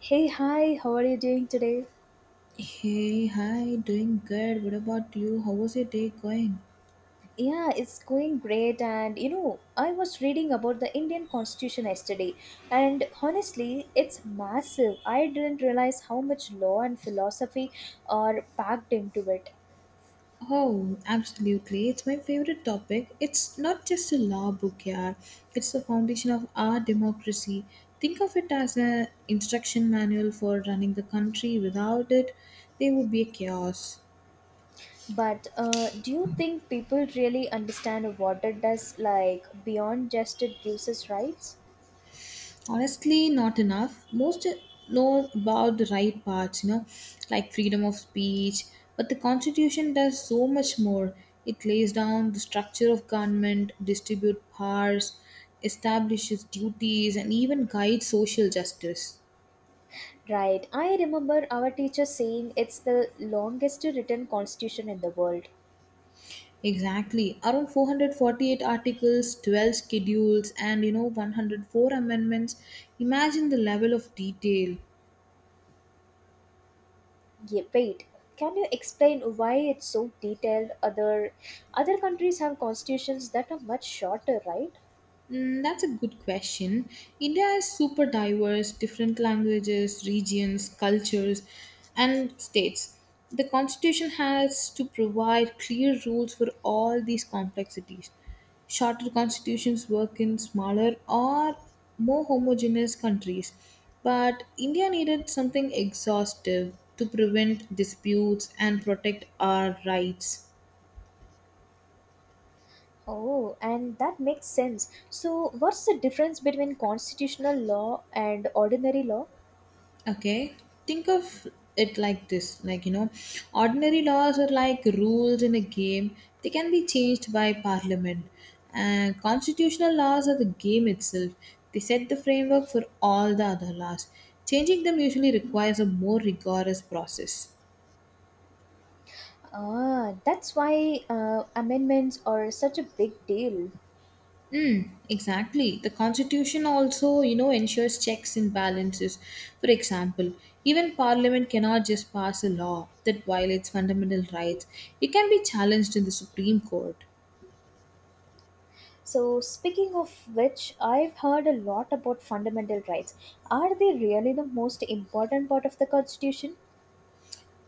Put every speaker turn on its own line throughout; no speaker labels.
Hey, hi, how are you doing today?
Hey, hi, doing good. What about you? How was your day going?
Yeah, it's going great. And you know, I was reading about the Indian Constitution yesterday, and honestly, it's massive. I didn't realize how much law and philosophy are packed into it.
Oh, absolutely. It's my favorite topic. It's not just a law book, yeah. It's the foundation of our democracy. Think of it as an instruction manual for running the country. Without it, there would be a chaos.
But do you think people really understand what it does, like beyond just it gives us rights?
Honestly, not enough. Most know about the right parts, like freedom of speech, but the Constitution does so much more. It lays down the structure of government, distributes powers, establishes duties, and even guides social justice.
Right. I remember our teacher saying it's the longest written constitution in the world.
Exactly. Around 448 articles, 12 schedules, and 104 amendments. Imagine the level of detail.
Yeah, wait. Can you explain why it's so detailed? Other countries have constitutions that are much shorter, right?
That's a good question. India is super diverse, different languages, regions, cultures, and states. The constitution has to provide clear rules for all these complexities. Shorter constitutions work in smaller or more homogeneous countries, but India needed something exhaustive to prevent disputes and protect our rights.
Oh, and that makes sense. So, what's the difference between constitutional law and ordinary law?
Okay, think of it like this, like, ordinary laws are like rules in a game. They can be changed by parliament. And constitutional laws are the game itself. They set the framework for all the other laws. Changing them usually requires a more rigorous process.
Ah, that's why amendments are such a big deal.
Mm, exactly. The constitution also, ensures checks and balances. For example, even parliament cannot just pass a law that violates fundamental rights. It can be challenged in the Supreme Court.
So, speaking of which, I've heard a lot about fundamental rights. Are they really the most important part of the Constitution?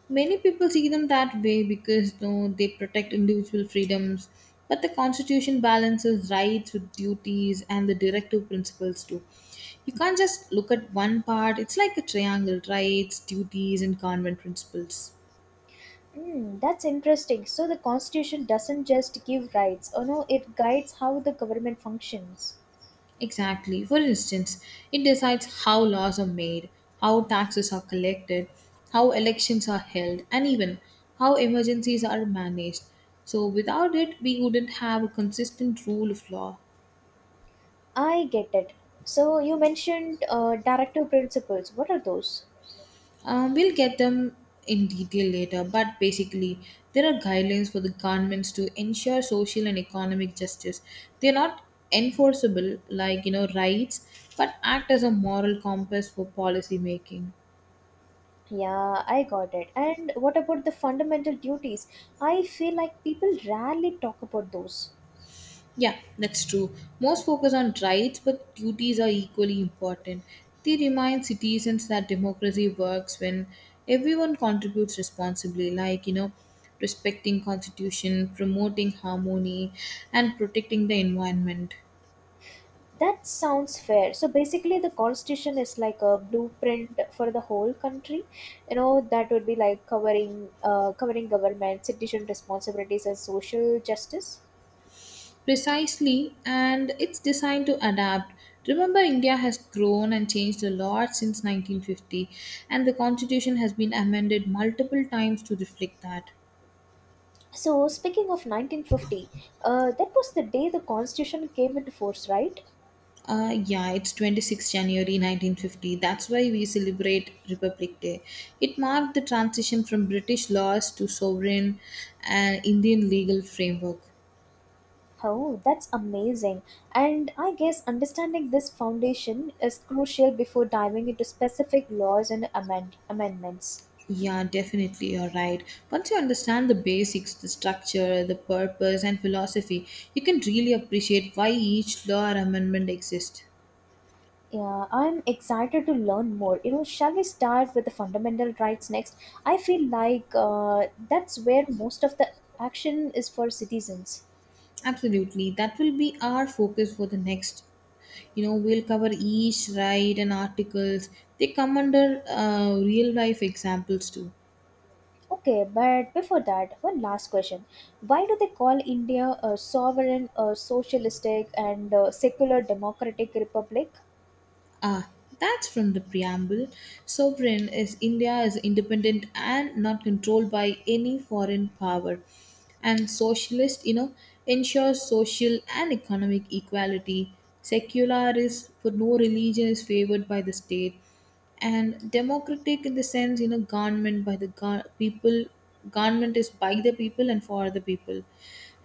Many people see them that way because they protect individual freedoms, but the constitution balances rights with duties and the directive principles too. You can't just look at one part. It's like a triangle: rights, duties, and convent principles.
Hmm, that's interesting. So the constitution doesn't just give rights, oh no, it guides how the government functions.
Exactly. For instance, it decides how laws are made, how taxes are collected, how elections are held, and even how emergencies are managed. So, without it, we wouldn't have a consistent rule of law.
I get it. So you mentioned directive principles. What are those?
We'll get them in detail later, but basically, there are guidelines for the governments to ensure social and economic justice. They're not enforceable, like rights, but act as a moral compass for policy making.
Yeah, I got it. And what about the fundamental duties? I feel like people rarely talk about those.
Yeah, that's true. Most focus on rights, but duties are equally important. They remind citizens that democracy works when everyone contributes responsibly, like, respecting constitution, promoting harmony, and protecting the environment.
That sounds fair. So basically, the constitution is like a blueprint for the whole country. You know, that would be like covering, covering government, citizen responsibilities, and social justice.
Precisely, and it's designed to adapt. Remember, India has grown and changed a lot since 1950, and the constitution has been amended multiple times to reflect that.
So, speaking of 1950, that was the day the Constitution came into force, right?
Yeah, it's 26th January 1950. That's why we celebrate Republic Day. It marked the transition from British laws to sovereign and Indian legal framework.
Oh, that's amazing. And I guess understanding this foundation is crucial before diving into specific laws and amendments.
Yeah, definitely, you're right. Once you understand the basics, the structure, the purpose, and philosophy, you can really appreciate why each law or amendment exists.
Yeah, I'm excited to learn more. You know, shall we start with the fundamental rights next? I feel like that's where most of the action is for citizens.
Absolutely. That will be our focus for the next. We'll cover each ride and articles. They come under real life examples too.
Okay, but before that, one last question. Why do they call India a sovereign, a socialistic, and a secular democratic republic?
Ah, that's from the preamble. Sovereign is India is independent and not controlled by any foreign power. And socialist, ensures social and economic equality. Secular is for no religion is favored by the state. And democratic in the sense, government by the people, government is by the people and for the people.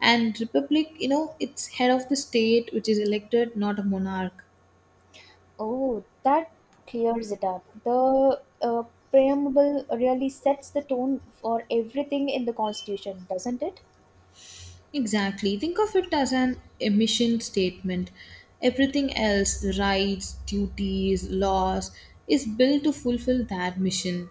And republic, it's head of the state which is elected, not a monarch.
Oh, that clears it up. The preamble really sets the tone for everything in the constitution, doesn't it?
Exactly. Think of it as an emission statement. Everything else, the rights, duties, laws, is built to fulfill that mission.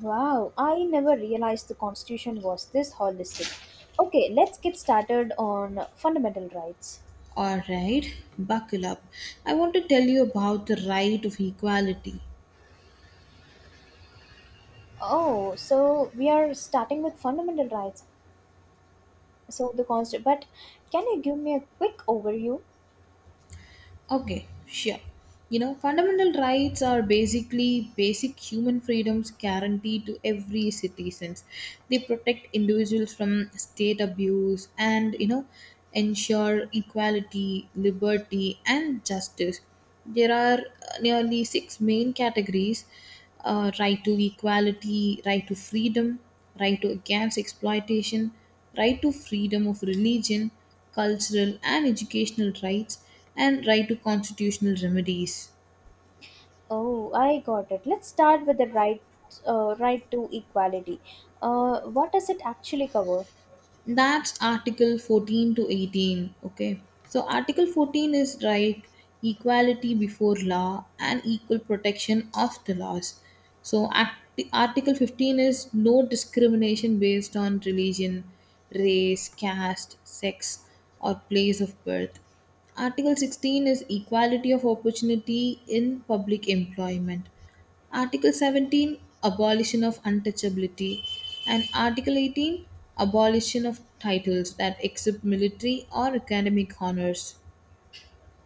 Wow, I never realized the constitution was this holistic. Okay, let's get started on fundamental rights.
Alright, buckle up. I want to tell you about the right of equality.
Oh, so we are starting with fundamental rights. So the constant, but can you give me a quick overview?
Okay, sure. Fundamental rights are basically basic human freedoms guaranteed to every citizens. They protect individuals from state abuse and, ensure equality, liberty, and justice. There are nearly six main categories: right to equality, right to freedom, right to against exploitation, right to freedom of religion, cultural and educational rights, and right to constitutional remedies.
Oh, I got it. Let's start with the right to equality. What does it actually cover?
That's Article 14 to 18. Okay, so Article 14 is right equality before law and equal protection of the laws. So, Article 15 is no discrimination based on religion, race, caste, sex, or place of birth. Article 16 is equality of opportunity in public employment. Article 17, abolition of untouchability, and Article 18, abolition of titles that except military or academic honors.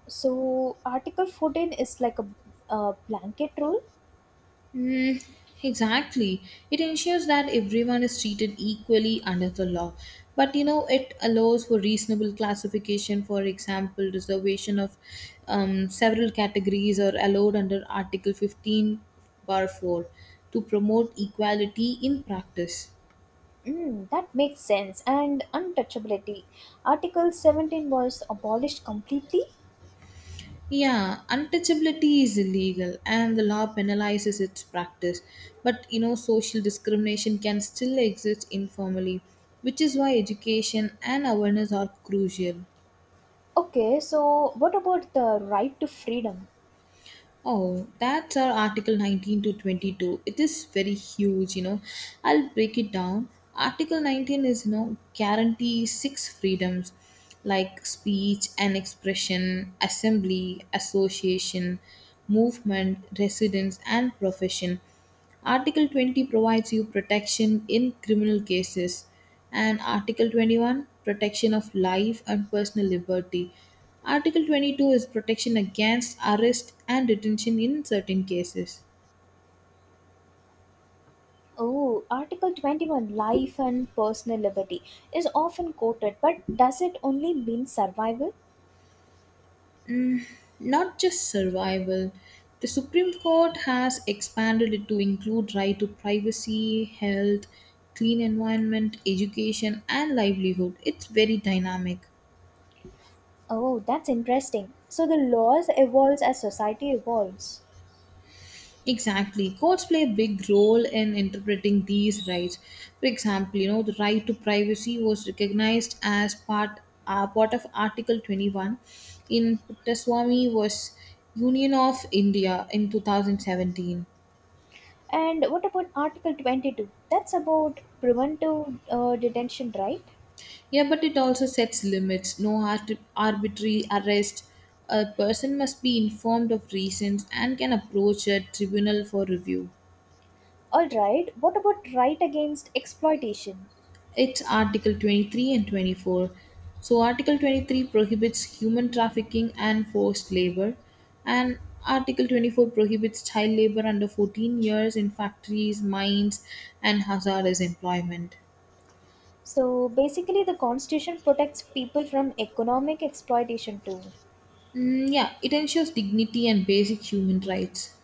So Article 14 is like a blanket rule.
Hmm, exactly. It ensures that everyone is treated equally under the law. But it allows for reasonable classification. For example, reservation of several categories are allowed under Article 15, bar 4, to promote equality in practice.
Mm, that makes sense. And untouchability. Article 17 was abolished completely.
Yeah, untouchability is illegal and the law penalizes its practice. But social discrimination can still exist informally, which is why education and awareness are crucial.
Okay, so what about the right to freedom?
Oh, that's our Article 19 to 22. It is very huge. I'll break it down. Article 19 is, guarantees six freedoms like speech and expression, assembly, association, movement, residence, and profession. Article 20 provides you protection in criminal cases, and Article 21, protection of life and personal liberty. Article 22 is protection against arrest and detention in certain cases,
Oh, Article 21, life and personal liberty, is often quoted, but does it only mean survival?
not just survival. The Supreme Court has expanded it to include right to privacy, health, clean environment, education, and livelihood. It's very dynamic.
Oh, that's interesting. So the laws evolves as society evolves.
Exactly. Courts play a big role in interpreting these rights. For example, the right to privacy was recognized as part of Article 21 in Puttaswamy was Union of India in 2017.
And what about Article 22? That's about preventive detention, right?
Yeah, but it also sets limits. No arbitrary arrest. A person must be informed of reasons and can approach a tribunal for review.
All right, what about right against exploitation?
It's Article 23 and 24. So, Article 23 prohibits human trafficking and forced labor, and Article 24 prohibits child labor under 14 years in factories, mines, and hazardous employment.
So basically, the constitution protects people from economic exploitation too.
Mm, yeah, it ensures dignity and basic human rights.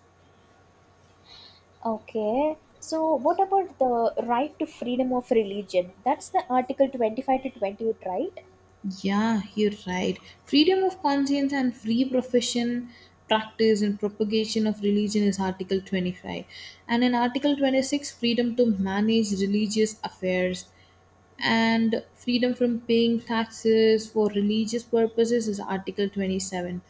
Okay. So what about the right to freedom of religion? That's the Article 25 to 28, right?
Yeah, you're right. Freedom of conscience and free profession, practice, and propagation of religion is Article 25. And in Article 26, freedom to manage religious affairs, and freedom from paying taxes for religious purposes is Article 27.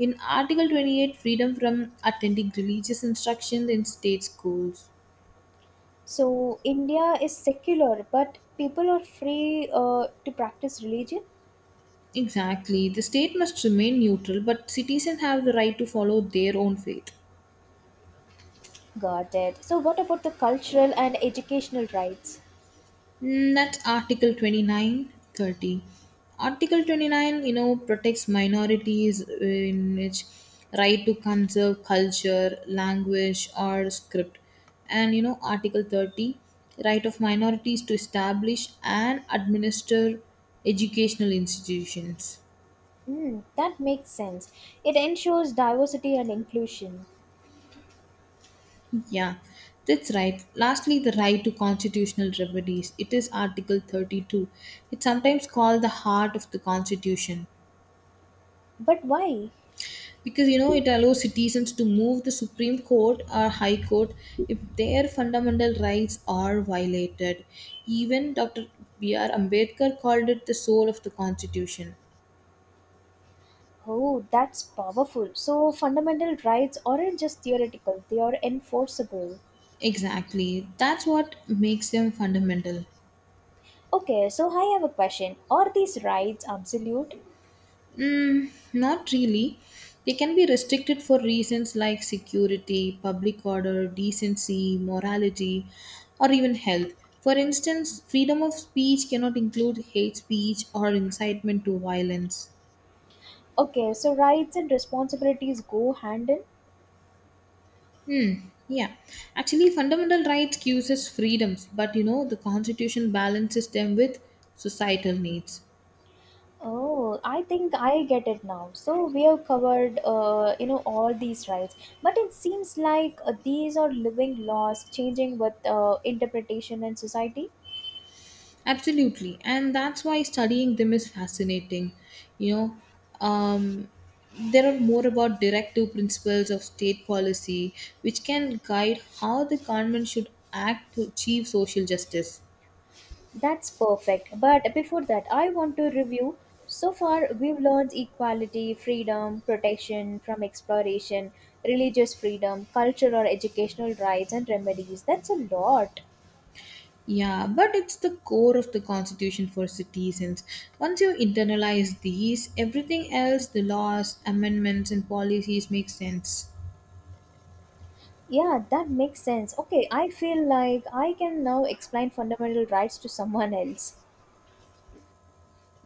In Article 28, freedom from attending religious instruction in state schools.
So India is secular, but people are free to practice religion.
Exactly. The state must remain neutral, but citizens have the right to follow their own faith.
Got it. So what about the cultural and educational rights?
That's Article 29, 30. Article 29, protects minorities, in which right to conserve culture, language, or script. And, Article 30, right of minorities to establish and administer educational institutions.
Mm, that makes sense. It ensures diversity and inclusion.
Yeah, that's right. Lastly, the right to constitutional remedies. It is Article 32. It's sometimes called the heart of the Constitution.
But why?
Because it allows citizens to move the Supreme Court or High Court if their fundamental rights are violated. Even Dr. B.R. Ambedkar called it the soul of the Constitution.
Oh, that's powerful. So fundamental rights aren't just theoretical, they are enforceable.
Exactly, that's what makes them fundamental.
Okay, so I have a question. Are these rights absolute?
Mm, not really. They can be restricted for reasons like security, public order, decency, morality, or even health. For instance, freedom of speech cannot include hate speech or incitement to violence.
Okay, so rights and responsibilities go hand in.
Hmm. Yeah. Actually, fundamental rights gives us freedoms, but the Constitution balances them with societal needs.
Oh, I think I get it now. So we have covered, all these rights, but it seems like these are living laws changing with interpretation in society.
Absolutely, and that's why studying them is fascinating. You know, um, there are more about directive principles of state policy, which can guide how the government should act to achieve social justice.
That's perfect. But before that, I want to review. So far, we've learned equality, freedom, protection from exploration, religious freedom, cultural or educational rights, and remedies. That's a lot.
Yeah, but it's the core of the constitution for citizens. Once you internalize these, everything else, the laws, amendments, and policies, makes sense.
Yeah, that makes sense. Okay, I feel like I can now explain fundamental rights to someone else.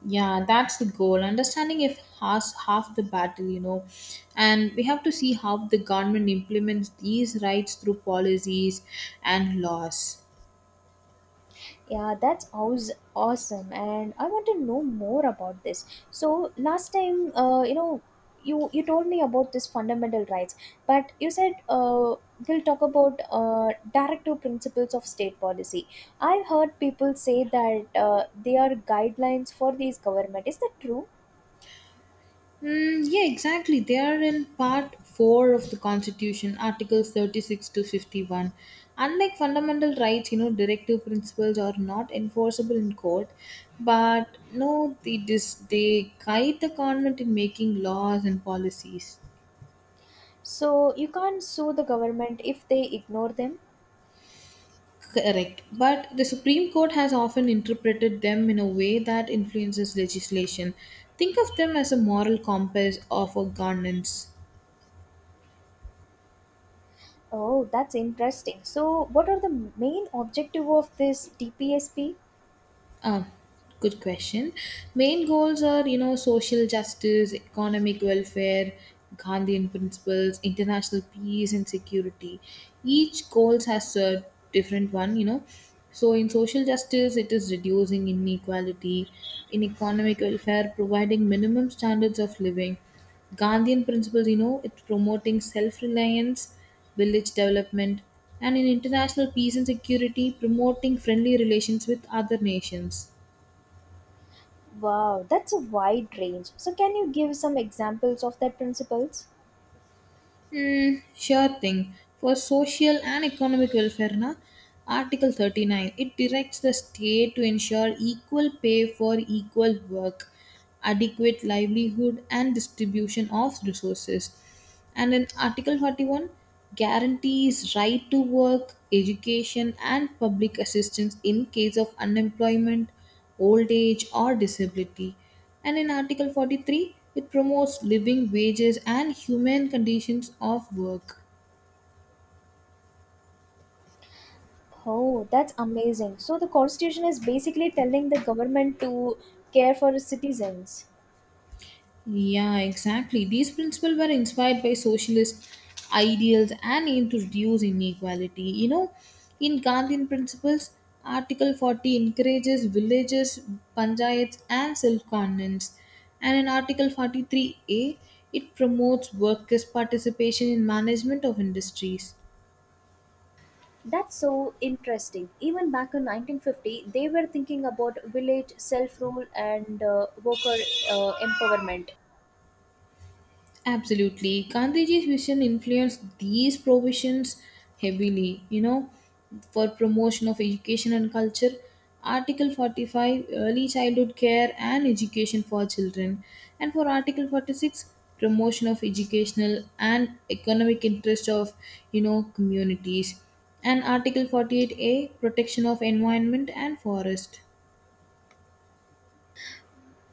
Yeah, that's the goal. Understanding if has half the battle, and we have to see how the government implements these rights through policies and laws.
Yeah, that's awesome, and I want to know more about this. So last time, you told me about this fundamental rights, but you said we'll talk about directive principles of state policy. I've heard people say that they are guidelines for these government. Is that true?
Mm, yeah, exactly. They are in part four of the Constitution, Articles 36 to 51. Unlike fundamental rights, directive principles are not enforceable in court, but no, they they guide the government in making laws and policies.
So you can't sue the government if they ignore them.
Correct. But the Supreme Court has often interpreted them in a way that influences legislation. Think of them as a moral compass of a governance.
Oh, that's interesting. So what are the main objective of this DPSP?
Uh, Good question. Main goals are, social justice, economic welfare, Gandhian principles, international peace and security. Each goals has a different one. So in social justice, it is reducing inequality. In economic welfare, providing minimum standards of living. Gandhian principles, it's promoting self reliance, village development, and in international peace and security, promoting friendly relations with other nations.
Wow, that's a wide range. So, can you give some examples of that principles?
Hmm, sure thing. For social and economic welfare, na, Article 39 it directs the state to ensure equal pay for equal work, adequate livelihood, and distribution of resources. And in Article 41 guarantees right to work, education, and public assistance in case of unemployment, old age, or disability. And in Article 43, it promotes living wages and human conditions of work.
Oh, that's amazing. So, the constitution is basically telling the government to care for its citizens.
Yeah, exactly. These principles were inspired by socialist ideals and aim to reduce inequality. In Gandhian principles, Article 40 encourages villages, panchayats, and self governance. And in Article 43A, it promotes workers' participation in management of industries.
That's so interesting. Even back in 1950, they were thinking about village self rule and worker empowerment.
Absolutely. Gandhiji's vision influenced these provisions heavily, for promotion of education and culture. Article 45, early childhood care and education for children. And for Article 46, promotion of educational and economic interest of, communities. And Article 48A, protection of environment and forest.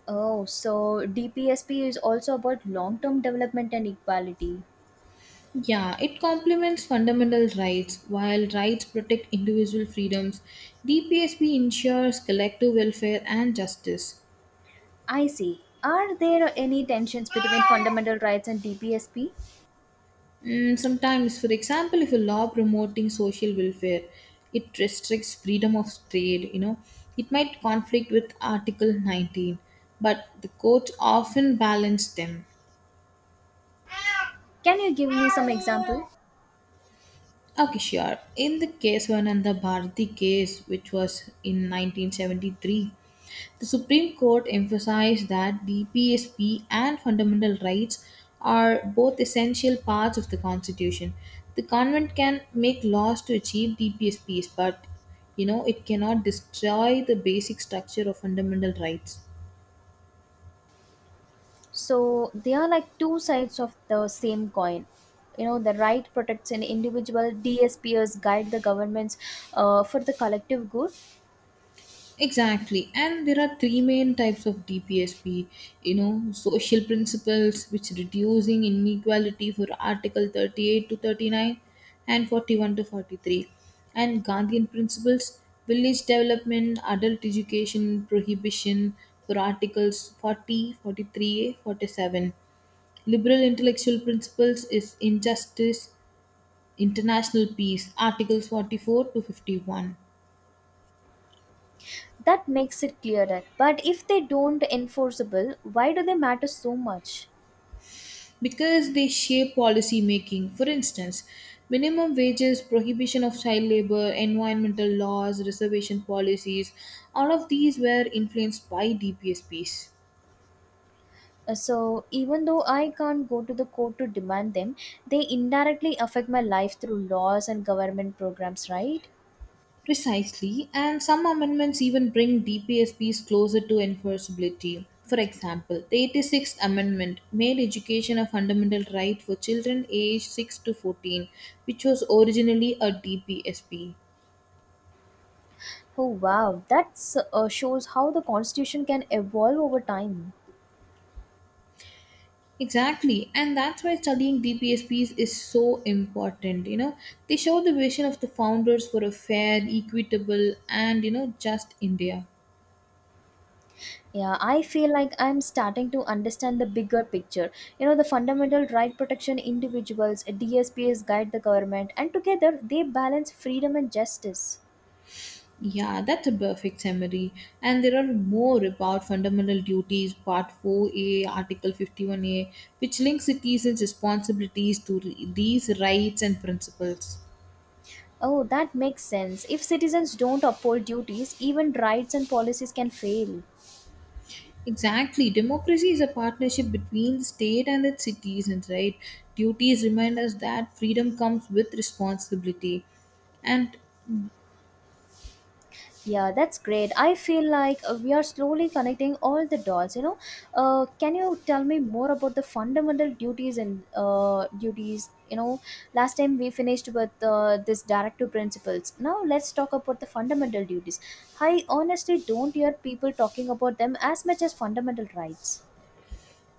Oh, so DPSP is also about long term development and equality.
Yeah, it complements fundamental rights. While rights protect individual freedoms, DPSP ensures collective welfare and justice.
I see. Are there any tensions between fundamental rights and DPSP?
Mm, sometimes, for example, if a law promoting social welfare, it restricts freedom of trade, it might conflict with Article 19, but the courts often balance them.
Can you give me some example?
Okay, sure. In the Keswananda Bharati case, which was in 1973, the Supreme Court emphasized that the PSP and fundamental rights are both essential parts of the Constitution. The government can make laws to achieve the PSPs, but it cannot destroy the basic structure of fundamental rights.
So they are like two sides of the same coin. You know, the right protects an individual, DSPs guide the governments for the collective good.
Exactly, and there are three main types of DPSP. Social principles, which reducing inequality for Article 38 to 39 and 41 to 43, and Gandhian principles, village development, adult education, prohibition for Articles 40, 43, 47. Liberal intellectual principles is injustice, international peace, Articles 44 to 51.
That makes it clearer. But if they don't enforceable, why do they matter so much?
Because they shape policy making. For instance, minimum wages, prohibition of child labor, environmental laws, reservation policies, all of these were influenced by DPSPs.
So even though I can't go to the court to demand them, they indirectly affect my life through laws and government programs, right?
Precisely, and some amendments even bring DPSPs closer to enforceability. For example, the 86th Amendment made education a fundamental right for children aged 6 to 14, which was originally a DPSP.
Oh wow, that shows how the constitution can evolve over time.
Exactly, and that's why studying DPSPs is so important. They show the vision of the founders for a fair, equitable, and just India.
Yeah, I feel like I'm starting to understand the bigger picture. You know, the fundamental right protection individuals, DSPs guide the government, and together they balance freedom and justice.
Yeah, that's a perfect summary. And there are more about fundamental duties, Part 4A, Article 51A, which links citizens' responsibilities to these rights and principles.
Oh, that makes sense. If citizens don't uphold duties, even rights and policies can fail.
Exactly. Democracy is a partnership between the state and its citizens, right? Duties remind us that freedom comes with responsibility. And
Yeah, that's great. I feel like we are slowly connecting all the dots. You know, can you tell me more about the fundamental duties and duties? You know, last time we finished with this directive principles. Now let's talk about the fundamental duties. I honestly don't hear people talking about them as much as fundamental rights.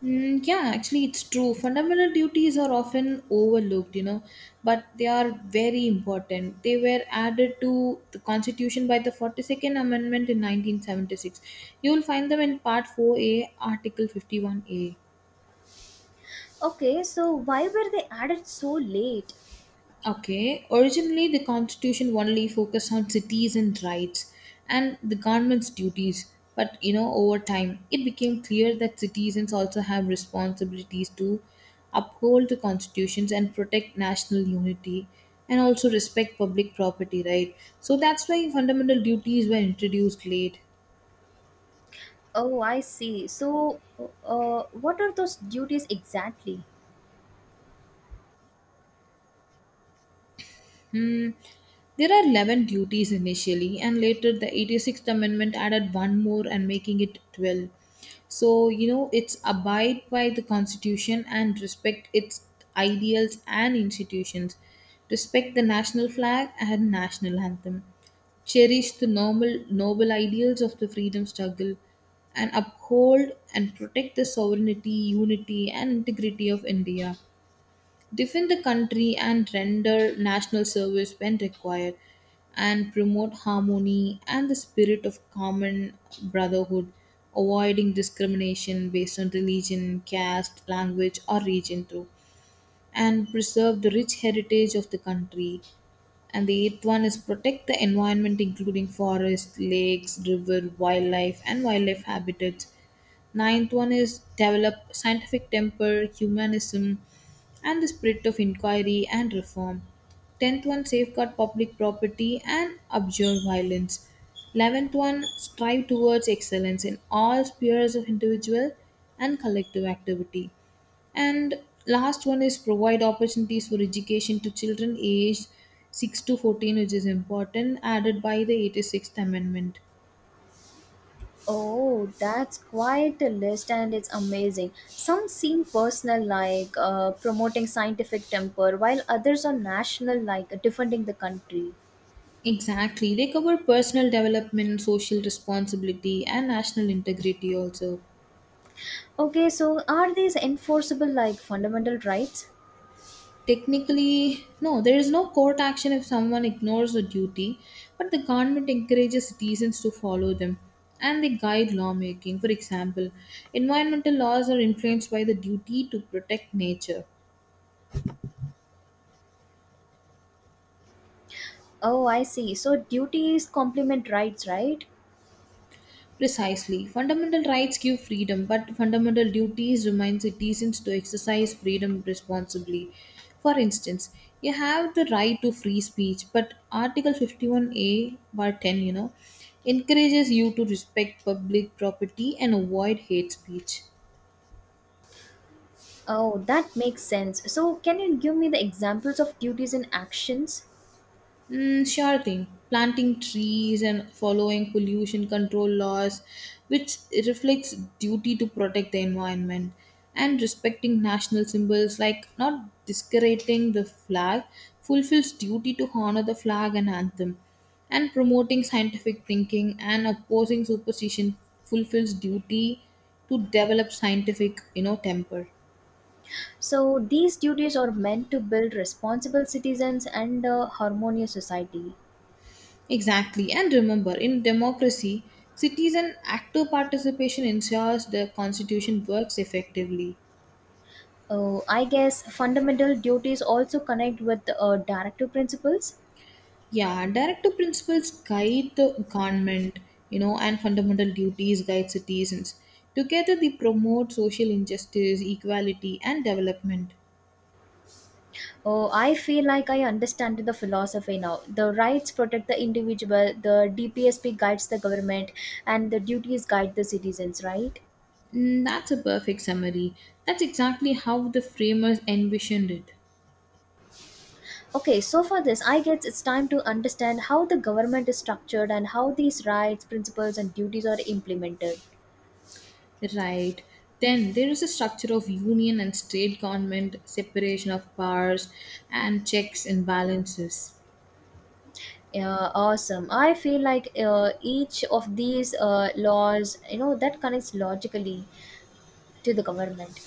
yeah, actually, it's true. Fundamental duties are often overlooked, but they are very important. They were added to the Constitution by the 42nd Amendment in 1976. You will find them in Part 4A, Article 51A.
Okay, so why were they added so late?
Okay, originally the constitution only focused on cities and rights and the government's duties, but over time it became clear that citizens also have responsibilities to uphold the constitutions and protect national unity and also respect public property, right? So that's why fundamental duties were introduced late.
Oh, I see. So, what are those duties exactly?
Hmm. There are 11 duties initially, and later the 86th Amendment added one more and making it 12. So, it's abide by the Constitution and respect its ideals and institutions, respect the national flag and national anthem, cherish the normal, noble ideals of the freedom struggle, and uphold and protect the sovereignty, unity, and integrity of India, defend the country and render national service when required, and promote harmony and the spirit of common brotherhood, avoiding discrimination based on religion, caste, language, or region, too, and preserve the rich heritage of the country. And the eighth one is protect the environment, including forests, lakes, river, wildlife, and wildlife habitats. Ninth one is develop scientific temper, humanism, and the spirit of inquiry and reform. Tenth one safeguard public property and abjure violence. 11th one strive towards excellence in all spheres of individual and collective activity. And last one is provide opportunities for education to children aged 6 to 14, which is important, added by the 86th Amendment.
Oh, that's quite a list, and it's amazing. Some seem personal, like promoting scientific temper, while others are national, like defending the country.
Exactly. They cover personal development, social responsibility, and national integrity also.
Okay, so are these enforceable, like fundamental rights?
Technically, no, there is no court action if someone ignores a duty, but the government encourages citizens to follow them and they guide lawmaking. For example, environmental laws are influenced by the duty to protect nature.
Oh, I see. So duties complement rights, right?
Precisely. Fundamental rights give freedom, but fundamental duties remind citizens to exercise freedom responsibly. For instance, you have the right to free speech, but Article 51A, bar 10, encourages you to respect public property and avoid hate speech.
Oh, that makes sense. So, can you give me the examples of duties and actions?
Mm, sure thing. Planting trees and following pollution control laws, which reflects duty to protect the environment, and respecting national symbols like not discrediting the flag, fulfills duty to honor the flag and anthem, and promoting scientific thinking and opposing superstition fulfills duty to develop scientific, temper.
So, these duties are meant to build responsible citizens and a harmonious society.
Exactly. And remember, in democracy, citizen active participation ensures the constitution works effectively.
Oh, I guess fundamental duties also connect with directive principles.
Yeah, directive principles guide the government, and fundamental duties guide citizens. Together, they promote social injustice, equality, and development.
Oh, I feel like I understand the philosophy now. The rights protect the individual, the DPSP guides the government, and the duties guide the citizens, right?
Mm, that's a perfect summary. That's exactly how the framers envisioned it.
Okay, so for this, I guess it's time to understand how the government is structured and how these rights, principles, and duties are implemented.
Right. Then there is a structure of union and state government, separation of powers, and checks and balances.
Yeah, awesome. I feel like each of these laws, you know, that connects logically to the government.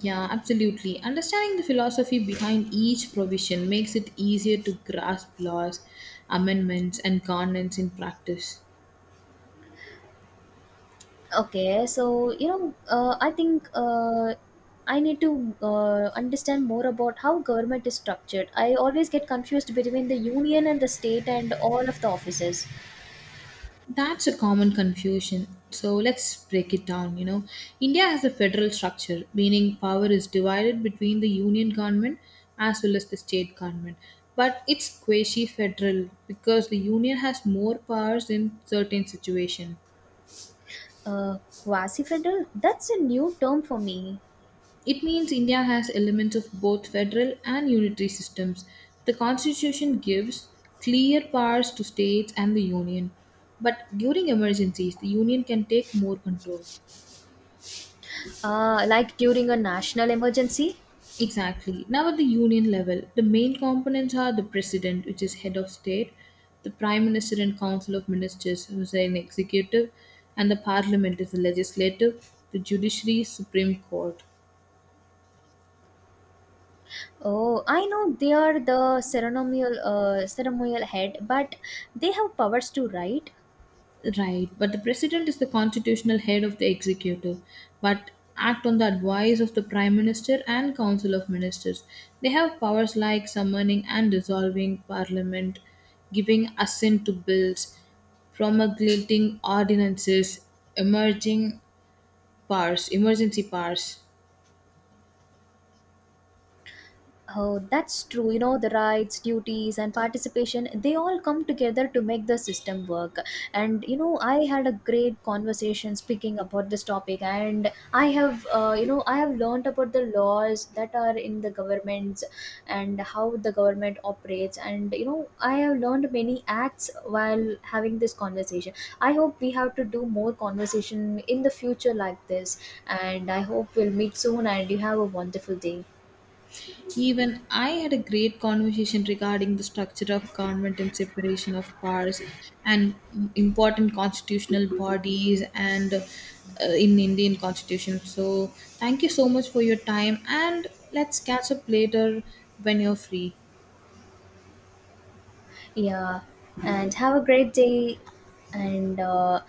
Yeah, absolutely. Understanding the philosophy behind each provision makes it easier to grasp laws, amendments, and governance in practice.
Okay, so you know, I think I need to understand more about how government is structured. I always get confused between the union and the state and all of the offices.
That's a common confusion. So let's break it down. India has a federal structure, meaning power is divided between the union government as well as the state government. But it's quasi federal because the union has more powers in certain situations.
Uh, quasi federal? That's a new term for me.
It means India has elements of both federal and unitary systems. The constitution gives clear powers to states and the union. But during emergencies, the union can take more control.
Like during a national emergency.
Exactly. Now, at the union level, the main components are the president, which is head of state, the prime minister and council of ministers, who is an executive, and the parliament is the legislative, the judiciary, supreme court.
Oh, I know they are the ceremonial head, but they have powers to write.
Right, but the president is the constitutional head of the executive, but act on the advice of the prime minister and council of ministers. They have powers like summoning and dissolving parliament, giving assent to bills, promulgating ordinances, emerging emergency powers.
Oh, that's true. You know, the rights, duties, and participation, they all come together to make the system work. And, you know, I had a great conversation speaking about this topic, and I have, I have learned about the laws that are in the governments and how the government operates. And, you know, I have learned many acts while having this conversation. I hope we have to do more conversation in the future like this. And I hope we'll meet soon, and you have a wonderful day.
Even I had a great conversation regarding the structure of government and separation of powers and important constitutional bodies and in Indian constitution. So thank you so much for your time and let's catch up later when you're free.
Yeah, and have a great day. And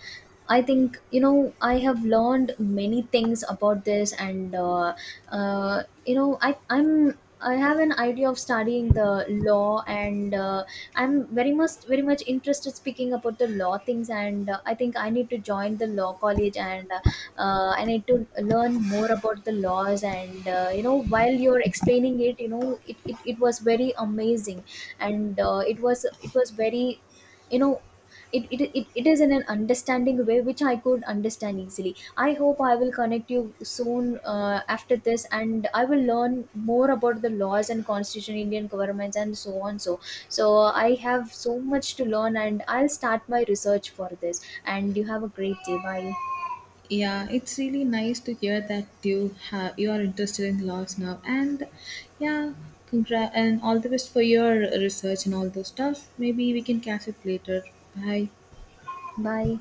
I think, you know, I have learned many things about this, and, you know, I, I'm. I have an idea of studying the law, and I'm very much interested speaking about the law things. And I think I need to join the law college, and I need to learn more about the laws. And you know, while you're explaining it, you know, it was very amazing and it was very, you know, it is in an understanding way which I could understand easily. I hope I will connect you soon after this, and I will learn more about the laws and constitution Indian governments and so on. So I have so much to learn, and I'll start my research for this, and you have a great day. bye
Yeah, it's really nice to hear that you are interested in laws now and yeah, congrats and all the best for your research and all those stuff. Maybe we can catch up later. Bye.
bye